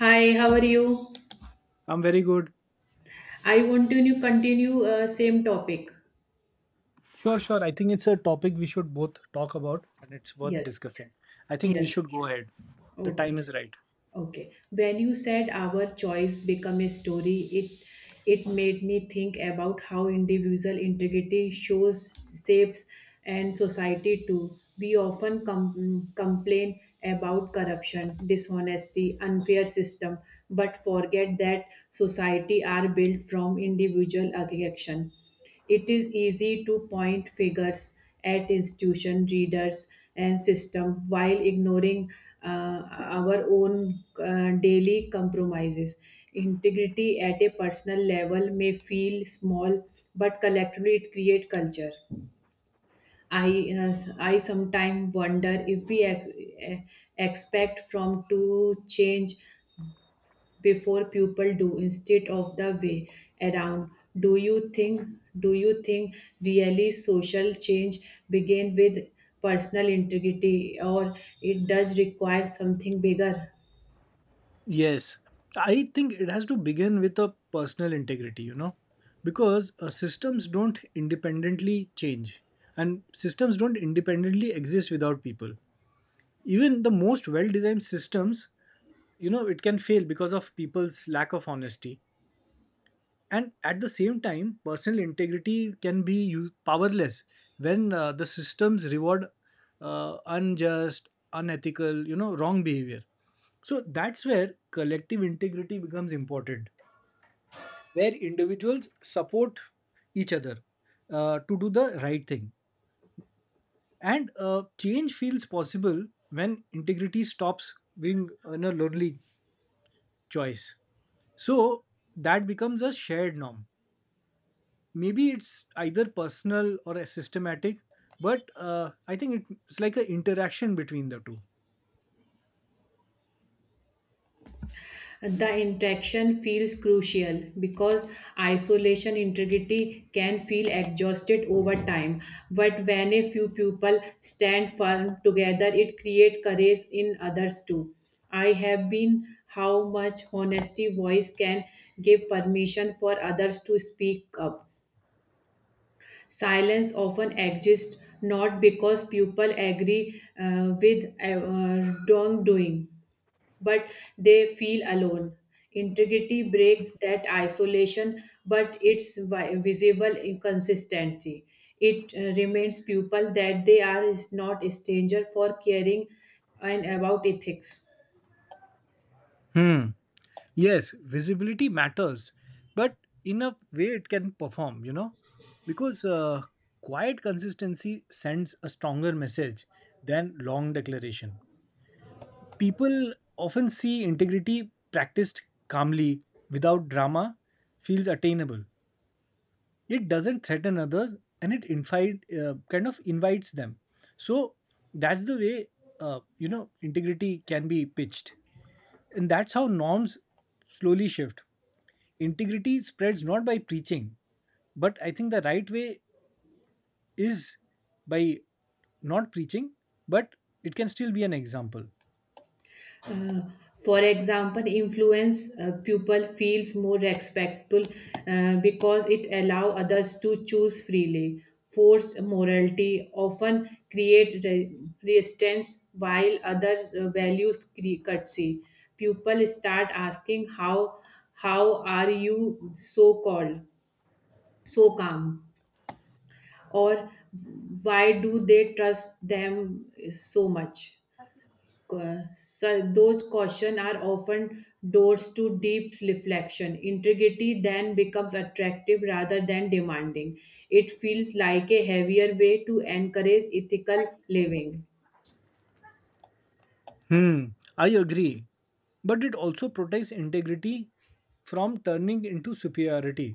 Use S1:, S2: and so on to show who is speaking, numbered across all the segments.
S1: Hi, how are you?
S2: I'm very good.
S1: I want to continue same topic.
S2: Sure, sure. I think it's a topic we should both talk about and it's worth
S1: Yes,
S2: discussing. I think we
S1: yes.
S2: should go ahead. The time
S1: Okay,
S2: is right.
S1: okay. When you said our choice become a story, it made me think about how individual integrity shows, shapes, and society too. We often complain about corruption, dishonesty, unfair system, but forget that society are built from individual action. It is easy to point fingers at institution, readers, and system while ignoring uh, our own daily compromises. Integrity at a personal level may feel small, but collectively it creates culture. I sometimes wonder if we eh, expect from to change before people do instead of the way around. Do you think do you think really social change begin with personal integrity, or it does require something bigger?
S2: Yes. I think it has to begin with a personal integrity, because systems don't independently change and systems don't independently exist without people. Even the most well designed systems, it can fail because of people's lack of honesty. And at the same time personal integrity can be powerless when the systems reward unjust unethical wrong behavior. So that's where collective integrity becomes important, where individuals support each other to do the right thing. And change feels possible when integrity stops being a lonely choice, so that becomes a shared norm. Maybe it's either personal or systematic, but I think it's like an interaction between the two.
S1: The interaction feels crucial because isolation integrity can feel exhausted over time. But when a few people stand firm together, it creates courage in others too. I have been how much honesty voice can give permission for others to speak up. Silence often exists not because people agree with wrongdoing, but they feel alone. Integrity break that isolation, but it's visible inconsistency. It reminds people that they are is not a stranger for caring and about ethics.
S2: Hmm. Yes, visibility matters, but in a way it can perform. Because quiet consistency sends a stronger message than long declaration. People often see integrity practiced calmly, without drama, feels attainable. It doesn't threaten others, and it invite kind of invites them. So that's the way integrity can be pitched, and that's how norms slowly shift. Integrity spreads not by preaching, but I think the right way is by not preaching, but it can still be an example.
S1: Uh, for example, influence pupil feels more respectful because it allow others to choose freely. Forced morality often create resistance, while others values courtesy. Pupil start asking how are you so called so calm, or why do they trust them so much? Uh, so those caution are often doors to deep reflection. Integrity then becomes attractive rather than demanding. It feels like a heavier way to encourage ethical living.
S2: Hmm. I agree, but it also protects integrity from turning into superiority.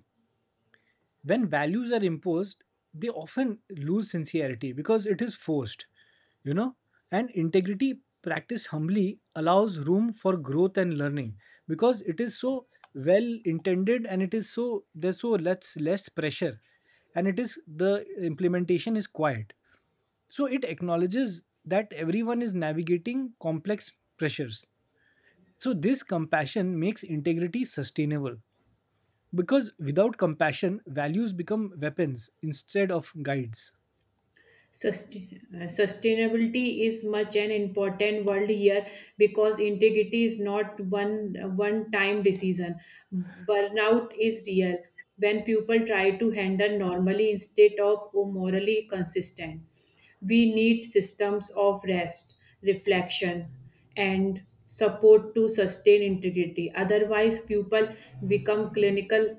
S2: When values are imposed, they often lose sincerity because it is forced you know and integrity practiced humbly allows room for growth and learning, because it is so well intended, and it is so there's so less pressure. And it is the implementation is quiet, so it acknowledges that everyone is navigating complex pressures. So this compassion makes integrity sustainable, because without compassion, values become weapons instead of guides.
S1: Sustainability is much an important word here because integrity is not one time decision. Burnout is real when people try to handle normally instead of morally consistent. We need systems of rest, reflection, and support to sustain integrity, otherwise people become clinical,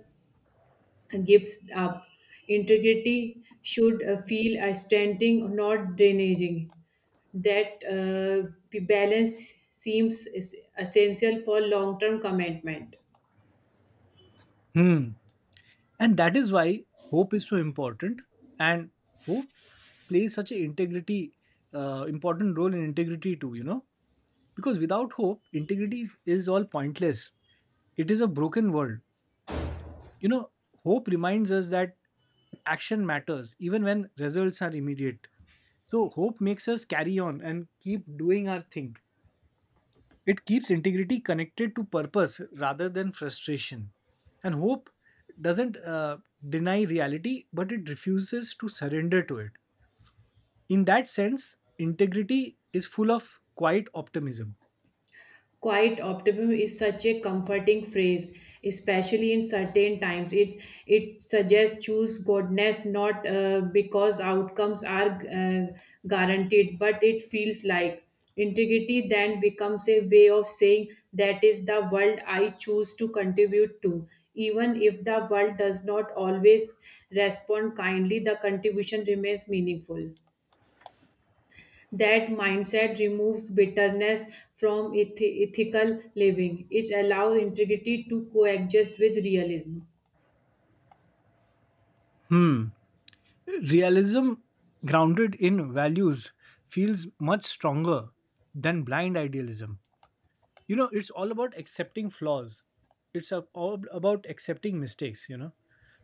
S1: gives up. Integrity should feel a standing, not drainaging. That balance seems is essential for long-term commitment.
S2: Hmm. And that is why hope is so important. And hope plays such an important role in integrity too. Because without hope, integrity is all pointless. It is a broken world. You know, hope reminds us that action matters even when results are immediate. So hope makes us carry on and keep doing our thing. It keeps integrity connected to purpose rather than frustration. And hope doesn't deny reality, but it refuses to surrender to it. In that sense, integrity is full of quiet optimism.
S1: Quiet optimism is such a comforting phrase, especially in certain times. It suggests choose goodness not because outcomes are uh, guaranteed, but it feels like integrity. Then becomes a way of saying that is the world I choose to contribute to. Even if the world does not always respond kindly, the contribution remains meaningful. That mindset removes bitterness from ethical living. It allows integrity to coexist with realism.
S2: Realism, grounded in values, feels much stronger than blind idealism. It's all about accepting flaws, it's all about accepting mistakes.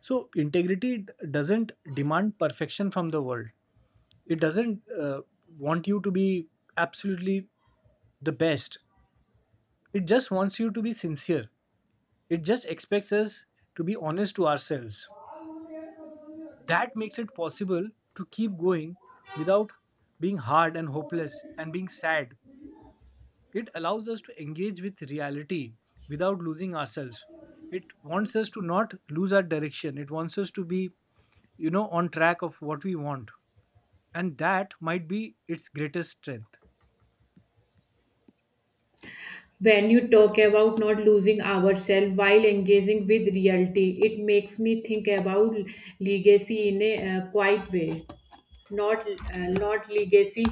S2: So, integrity doesn't demand perfection from the world. It doesn't want you to be absolutely the best. It just wants you to be sincere. It just expects us to be honest to ourselves. That makes it possible to keep going without being hard and hopeless and being sad. It allows us to engage with reality without losing ourselves. It wants us to not lose our direction. It wants us to be on track of what we want, and that might be its greatest strength.
S1: When you talk about not losing ourselves while engaging with reality, it makes me think about legacy in a quiet way. Not uh, not legacy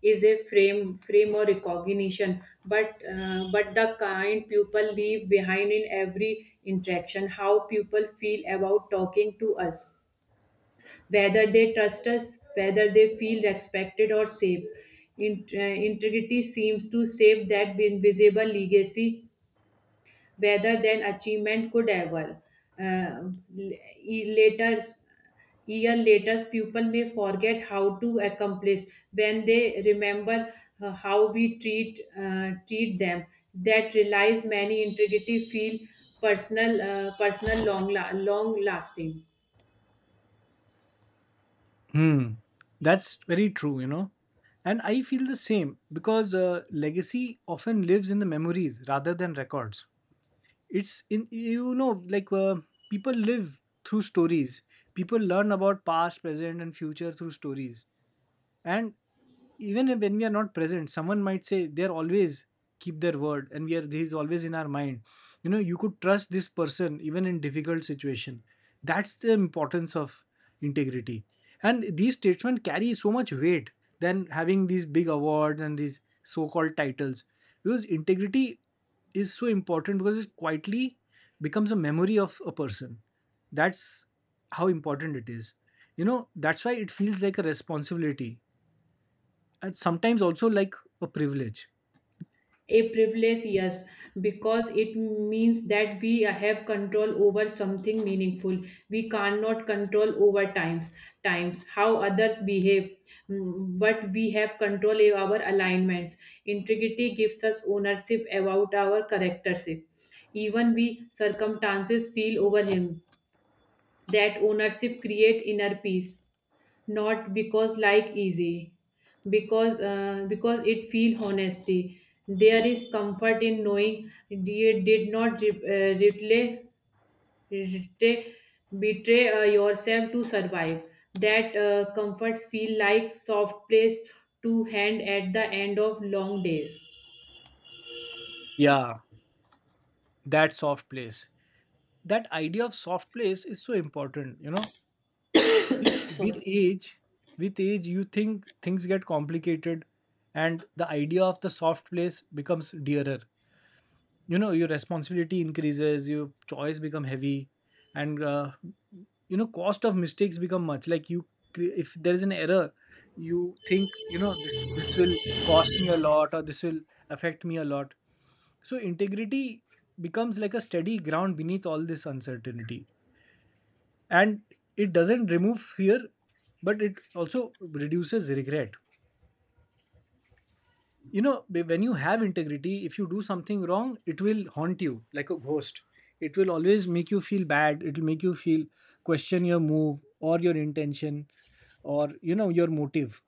S1: is a frame or recognition, but the kind people leave behind in every interaction. How people feel about talking to us, whether they trust us, whether they feel respected or safe. Integrity seems to save that invisible legacy rather than achievement could ever. Uh, Later, year later, people may forget how to accomplish when they remember how we treat them. That relies many integrity feel personal, personal long, long lasting.
S2: Hmm. That's very true. And I feel the same, because legacy often lives in the memories rather than records. It's in, like people live through stories. People learn about past, present, and future through stories. And even when we are not present, someone might say they're always keep their word, and we are he's always in our mind. You could trust this person even in difficult situation. That's the importance of integrity, and these statements carry so much weight than having these big awards and these so-called titles, because integrity is so important because it quietly becomes a memory of a person. That's how important it is. That's why it feels like a responsibility, and sometimes also like a privilege.
S1: A privilege, yes, because it means that we have control over something meaningful. We cannot control over times, times how others behave, mm, but we have control over our alignments. Integrity gives us ownership about our charactership. Even we circumstances feel over him, that ownership create inner peace, not because like easy, because it feel honesty. There is comfort in knowing you did not retray, betray yourself to survive. That comforts feel like soft place to hand at the end of long days.
S2: Yeah, that soft place, that idea of soft place is so important. with with
S1: Sorry.
S2: age with age, you think things get complicated, and the idea of the soft place becomes dearer. Your responsibility increases, your choice become heavy. And cost of mistakes become much like you if there is an error. You think, this will cost me a lot, or this will affect me a lot. So integrity becomes like a steady ground beneath all this uncertainty, and it doesn't remove fear, but it also reduces regret. When you have integrity, if you do something wrong it will haunt you like a ghost. It will always make you feel bad. It will make you feel question your move or your intention, or your motive.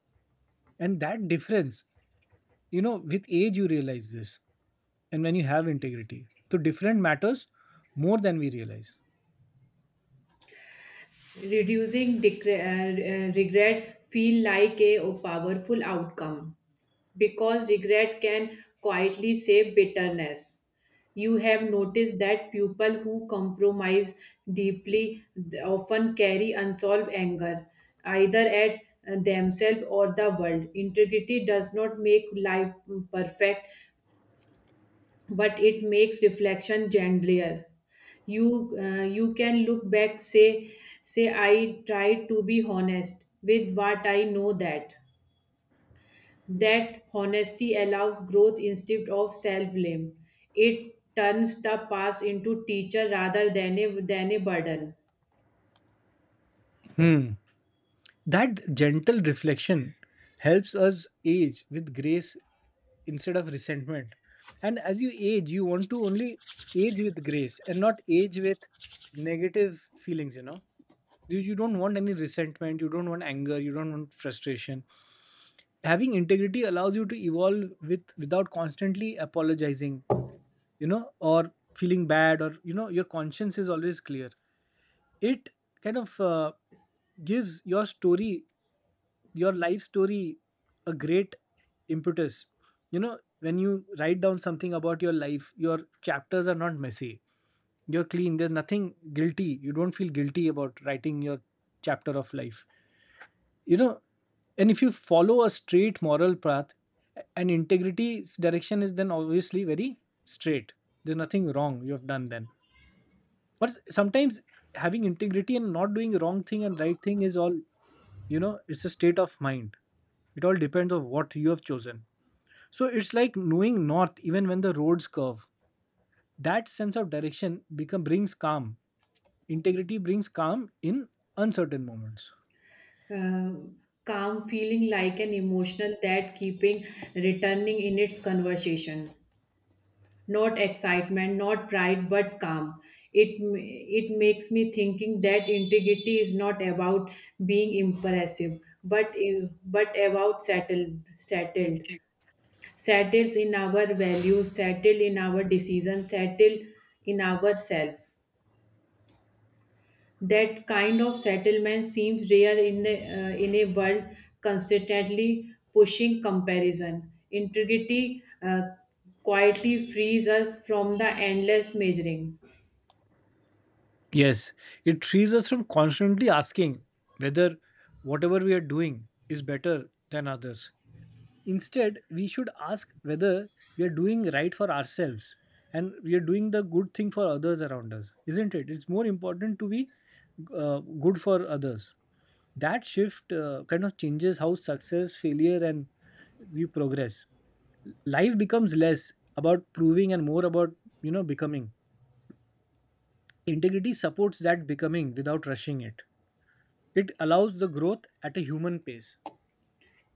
S2: And that difference, with age you realize this. And when you have integrity, so different matters more than we realize.
S1: Reducing regret feel like a powerful outcome because regret can quietly save bitterness. You have noticed that people who compromise deeply often carry unsolved anger, either at themselves or the world. Integrity does not make life perfect, but it makes reflection gentler. You can look back, say I tried to be honest with what I know. That that honesty allows growth instead of self blame. It turns the past into teacher rather than a burden.
S2: Hmm. That gentle reflection helps us age with grace instead of resentment. And as you age, you want to only age with grace and not age with negative feelings, you know. You don't want any resentment, you don't want anger, you don't want frustration. Having integrity allows you to evolve without constantly apologizing, or feeling bad, or your conscience is always clear. It kind of gives your life story a great impetus. When you write down something about your life, your chapters are not messy. You're clean. There's nothing guilty. You don't feel guilty about writing your chapter of life. You know, and if you follow a straight moral path, and integrity's direction is then obviously very straight. There's nothing wrong you have done then. But sometimes, having integrity and not doing wrong thing and right thing is all, it's a state of mind. It all depends on what you have chosen, so it's like knowing north even when the roads curve. That sense of direction become brings calm. Integrity brings calm in uncertain moments.
S1: Uh, Calm feeling like an emotional that keeping returning in its conversation, not excitement, not pride, but calm. It m- it makes me thinking that integrity is not about being impressive, but but about settled, settled, settled in our values, settled in our decisions, settled in ourselves. That kind of settlement seems rare in the in a world constantly pushing comparison. Integrity uh, quietly frees us from the endless measuring.
S2: Yes, it frees us from constantly asking whether whatever we are doing is better than others. Instead, we should ask whether we are doing right for ourselves, and we are doing the good thing for others around us, isn't it? It's more important to be good for others. That shift kind of changes how success, failure, and we progress. Life becomes less about proving and more about, becoming. Integrity supports that becoming without rushing it. It allows the growth at a human pace.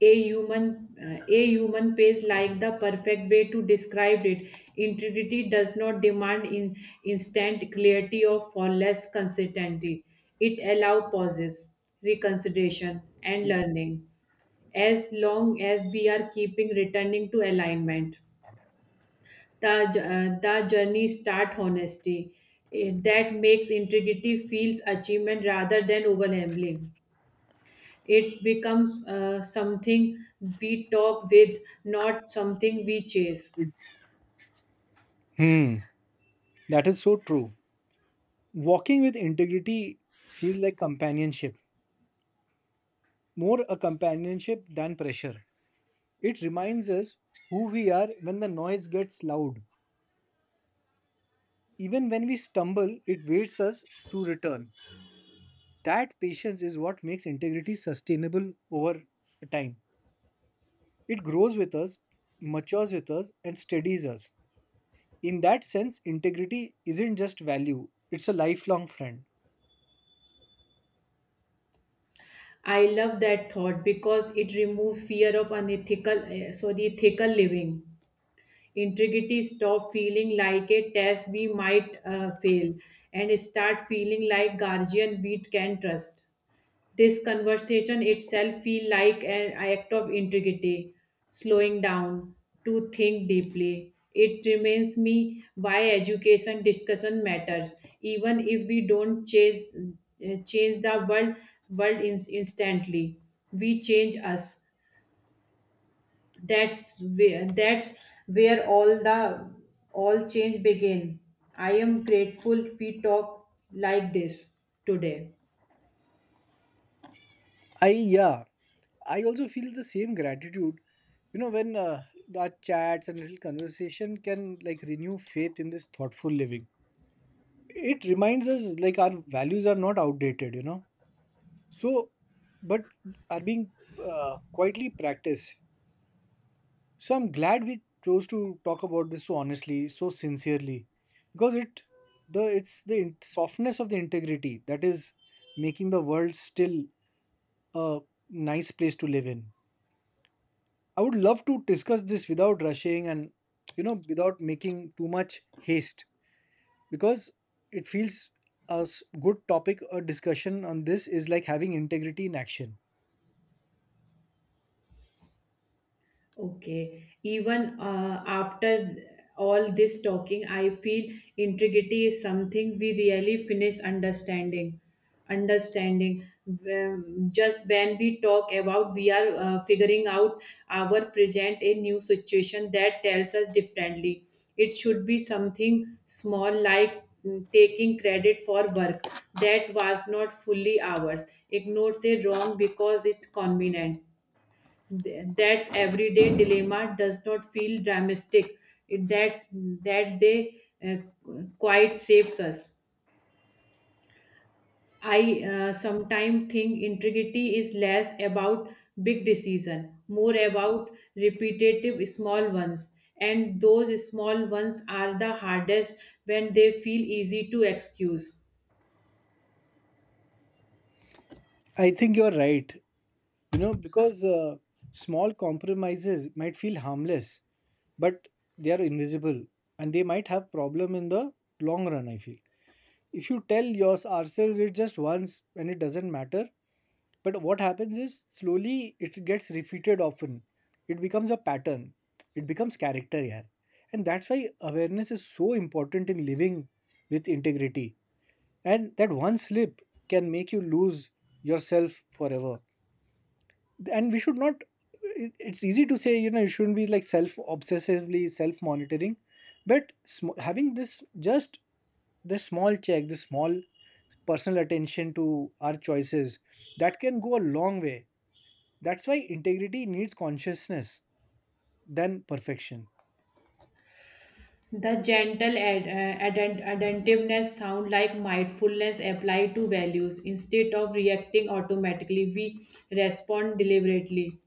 S1: A human pace like the perfect way to describe it. Integrity does not demand instant clarity of or for less consistency. It allows pauses, reconsideration, and learning, as long as we are keeping returning to alignment. The journey start honesty. That makes integrity feels achievement rather than overwhelming. It becomes something we talk with, not something we chase.
S2: Hmm, that is so true. Walking with integrity feels like companionship, more a companionship than pressure. It reminds us who we are when the noise gets loud. Even when we stumble, it waits us to return. That patience is what makes integrity sustainable over time. It grows with us, matures with us, and steadies us. In that sense, integrity isn't just value, it's a lifelong friend.
S1: I love that thought because it removes fear of ethical living. Integrity stop feeling like a test we might fail, and start feeling like guardian we can trust. This conversation itself feel like an act of integrity, slowing down to think deeply. It reminds me why education discussion matters, even if we don't change the world in, instantly. We change us. That's where all change begin. I am grateful we talk like this today.
S2: I yeah, I also feel the same gratitude. When our chats and little conversation can like renew faith in this thoughtful living. It reminds us like our values are not outdated. So but are being quietly practiced. So I'm glad we chose to talk about this so honestly, so sincerely, because it's the softness of the integrity that is making the world still a nice place to live in. I would love to discuss this without rushing, and without making too much haste, because it feels a good topic. A discussion on this is like having integrity in action.
S1: Okay. Even after all this talking, I feel integrity is something we really finish understanding. Understanding. Just when we talk about, we are figuring out our present a new situation that tells us differently. It should be something small like mm, taking credit for work that was not fully ours. Ignores a wrong because it's convenient. That's everyday dilemma does not feel dramatic. It- that that they uh, quite saves us. I sometimes think integrity is less about big decision, more about repetitive small ones, and those small ones are the hardest when they feel easy to excuse.
S2: I think you are right. Because small compromises might feel harmless, but they are invisible, and they might have problem in the long run, I feel. If you tell yours ourselves it just once and it doesn't matter, but what happens is slowly it gets repeated often. It becomes a pattern. It becomes character here. And that's why awareness is so important in living with integrity. And that one slip can make you lose yourself forever, and we should not, it's easy to say you shouldn't be like self obsessively self monitoring. But having this, just this small check, this small personal attention to our choices, that can go a long way. That's why integrity needs consciousness than perfection.
S1: The gentle attentiveness sound like mindfulness applied to values. Instead of reacting automatically, we respond deliberately.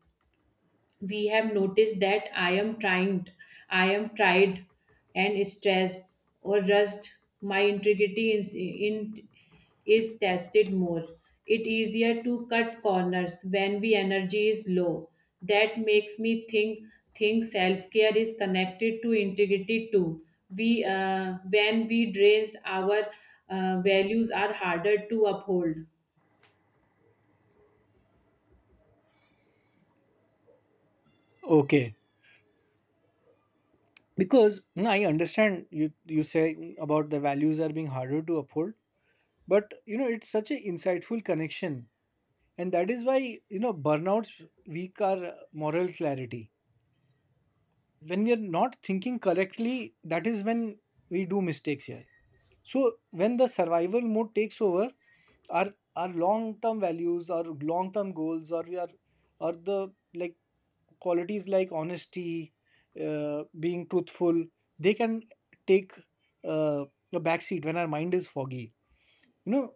S1: We have noticed that I am tired and stressed or rushed. My integrity is tested more. It easier to cut corners when we energy is low. That makes me think self care is connected to integrity too. We When we drain our values are harder to uphold.
S2: Okay, because I understand you say about the values are being harder to uphold. But it's such an insightful connection. And that is why, burnouts weak our moral clarity. When we are not thinking correctly, that is when we do mistakes here. So when the survival mode takes over, our long term values, our long term goals, or the like qualities like honesty, being truthful, they can take uh, a backseat when our mind is foggy you know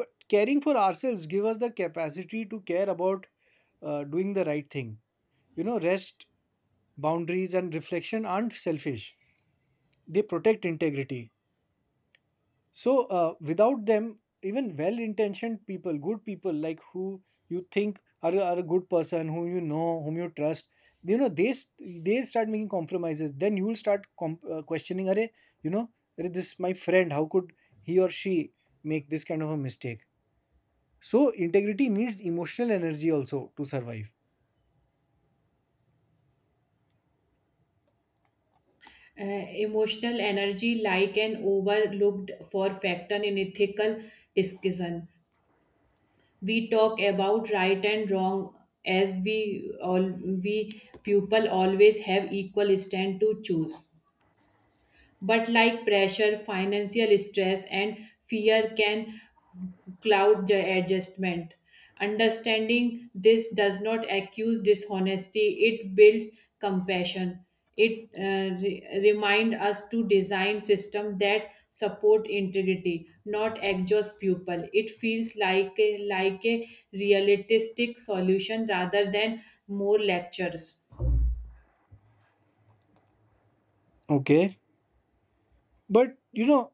S2: but caring for ourselves give us the capacity to care about doing the right thing. Rest, boundaries and reflection aren't selfish, they protect integrity. So without them even well intentioned people, good people like who you think are a good person whom you know, whom you trust, you know they s- they start making compromises, then you will start questioning. Are you know "Arre, this my friend, how could he or she make this kind of a mistake?" So integrity needs emotional energy also to survive.
S1: Emotional energy like an overlooked for factor in ethical discussion. We talk about right and wrong as all we people always have equal stand to choose. But like pressure, financial stress, and fear can cloud the adjustment. Understanding this does not accuse dishonesty, it builds compassion. It remind us to design system that support integrity, not exhaust people. It feels like like a realistic solution rather than more lectures.
S2: Okay. But you know,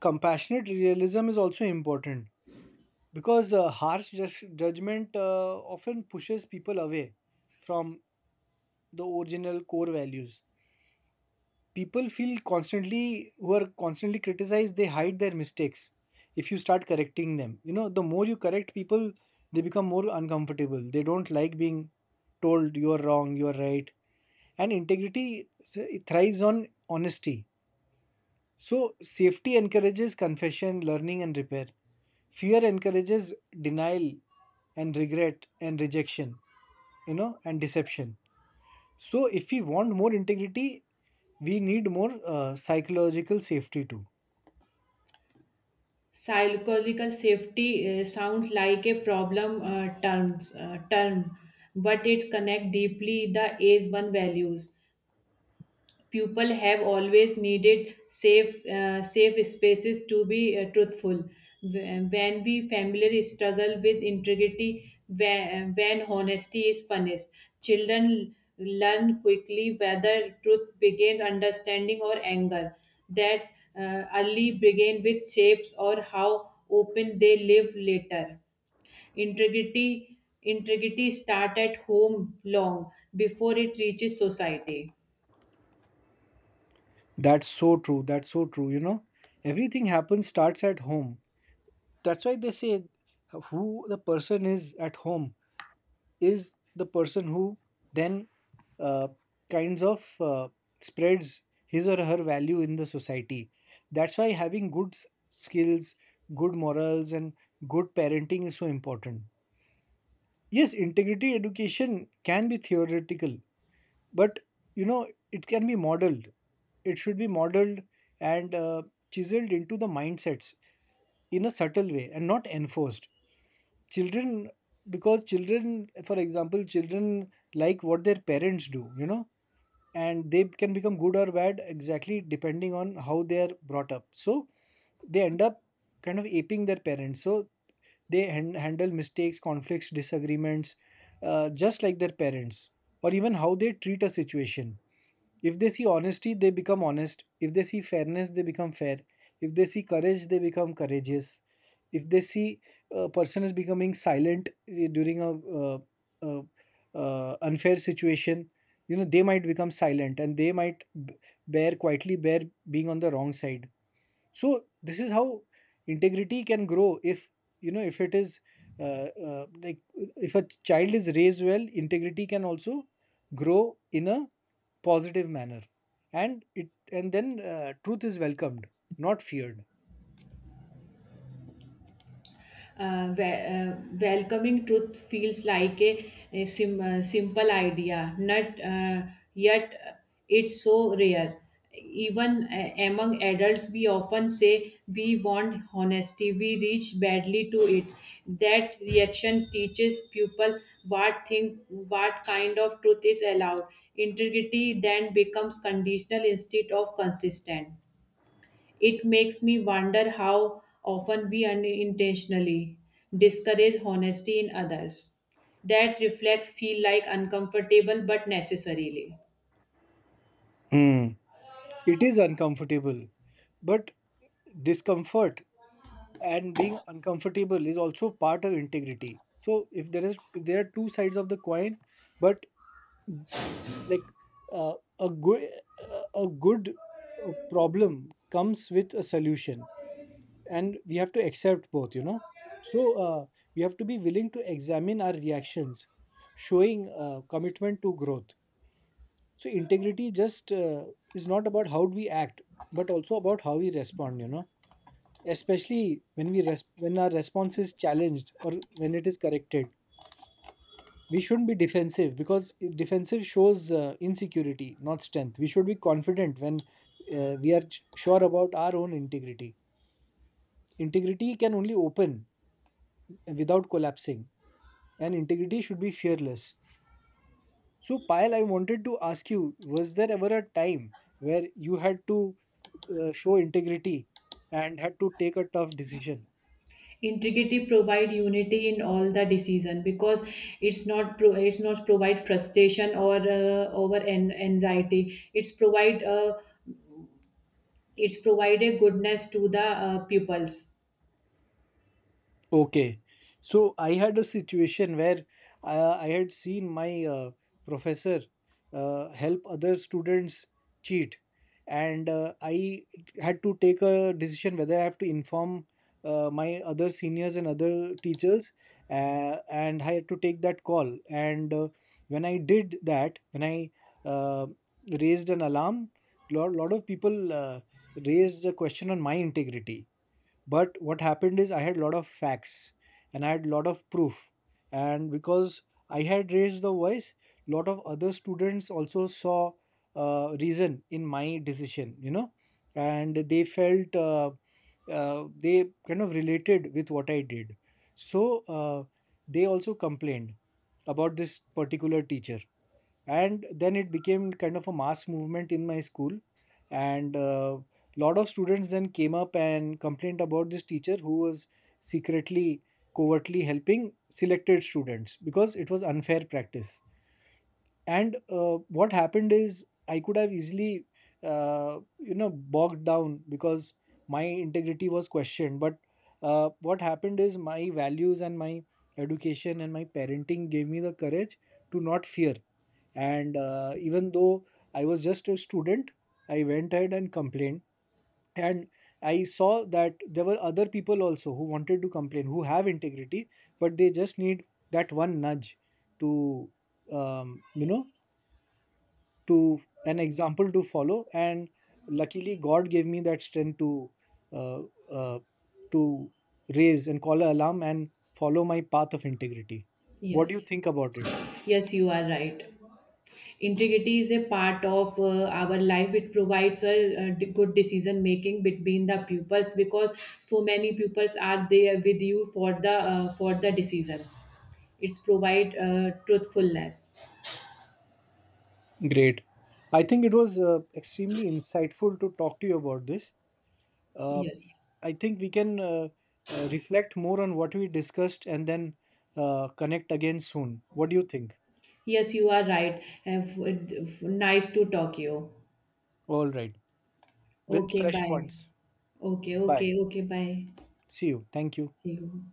S2: compassionate realism is also important because harsh judgment often pushes people away from the original core values. People feel constantly, who are constantly criticized, they hide their mistakes. If you start correcting them, you know, the more you correct people, they become more uncomfortable, they don't like being told you are wrong, you are right. And integrity thrives on honesty. So safety encourages confession, learning and repair. Fear encourages denial and regret and rejection, and deception. So, if we want more integrity, we need more psychological safety too.
S1: Psychological safety sounds like a problem terms term, but it connects deeply the age one values. People have always needed safe spaces to be truthful. When we family struggle with integrity, when honesty is punished, children learn quickly whether truth begins understanding or anger. That early begin with shapes or how open they live later. Integrity start at home long before it reaches society.
S2: That's so true. That's so true. You know, everything happens, starts at home. That's why they say who the person is at home is the person who then uh, kinds of spreads his or her value in the society. That's why having good skills, good morals, and good parenting is so important. Yes, integrity education can be theoretical, but you know, it can be modeled, it should be modeled, and chiseled into the mindsets in a subtle way and not enforced. Children, because children, for example, children like what their parents do, you know, and they can become good or bad exactly depending on how they are brought up. So they end up kind of aping their parents. So they handle mistakes, conflicts, disagreements just like their parents, or even how they treat a situation. If they see honesty, they become honest. If they see fairness, they become fair. If they see courage, they become courageous. If they see a person is becoming silent during a, uh, uh, unfair situation, you know, they might become silent and they might b- bear quietly bear being on the wrong side. So this is how integrity can grow if, you know, if it is uh, like, if a child is raised well, integrity can also grow in a positive manner, and it and then truth is welcomed, not feared.
S1: Welcoming truth feels like a simple idea, not yet it's so rare. Even among adults, we often say we want honesty, we reach badly to it. That reaction teaches people what think, what kind of truth is allowed. Integrity then becomes conditional instead of consistent. It makes me wonder how often we unintentionally discourage honesty in others. That reflects feel like uncomfortable but necessarily.
S2: Hmm. It is uncomfortable, but discomfort and being uncomfortable is also part of integrity. So if there is, if there are two sides of the coin, but like, uh, a good problem comes with a solution, and we have to accept both, you know. So we have to be willing to examine our reactions, showing commitment to growth. So integrity just is not about how we act, but also about how we respond, you know, especially when our response is challenged or when it is corrected. We shouldn't be defensive, because defensive shows insecurity, not strength. We should be confident when we are sure about our own integrity. Integrity can only open without collapsing, and integrity should be fearless. So Payal, I wanted to ask you, was there ever a time where you had to show integrity and had to take a tough decision?
S1: Integrity provide unity in all the decision because it's not provide frustration or anxiety. It's provide a goodness to the pupils.
S2: Okay. So I had a situation where I had seen my professor help other students cheat. And I had to take a decision whether I have to inform my other seniors and other teachers. And I had to take that call. And when I did that, when I uh, raised an alarm, lot of people raised a question on my integrity. But what happened is I had a lot of facts and I had a lot of proof, and because I had raised the voice, lot of other students also saw reason in my decision, you know. And they felt they kind of related with what I did. So they also complained about this particular teacher, and then it became kind of a mass movement in my school, and a lot of students then came up and complained about this teacher who was secretly, covertly helping selected students because it was unfair practice. And what happened is, I could have easily you know, bogged down because my integrity was questioned. But what happened is, my values and my education and my parenting gave me the courage to not fear. And even though I was just a student, I went ahead and complained. And I saw that there were other people also who wanted to complain, who have integrity, but they just need that one nudge to, you know, to an example to follow. And luckily god gave me that strength uh, uh, to raise and call an alarm and follow my path of integrity. What do
S1: Yes,
S2: you think about it?
S1: yes, you are right. Integrity is a part of our life. It provides a good decision making between the pupils because so many pupils are there with you for the decision. It's provide truthfulness.
S2: Great. I think it was extremely insightful to talk to you about this. uh,
S1: Yes,
S2: I think we can reflect more on what we discussed and then connect again soon. What do you think?
S1: yes, you are right. Have, nice to talk you.
S2: All right, with
S1: Okay,
S2: fresh
S1: bye.
S2: points.
S1: Okay, okay,
S2: Bye.
S1: okay, bye.
S2: See you. Thank you.
S1: See you.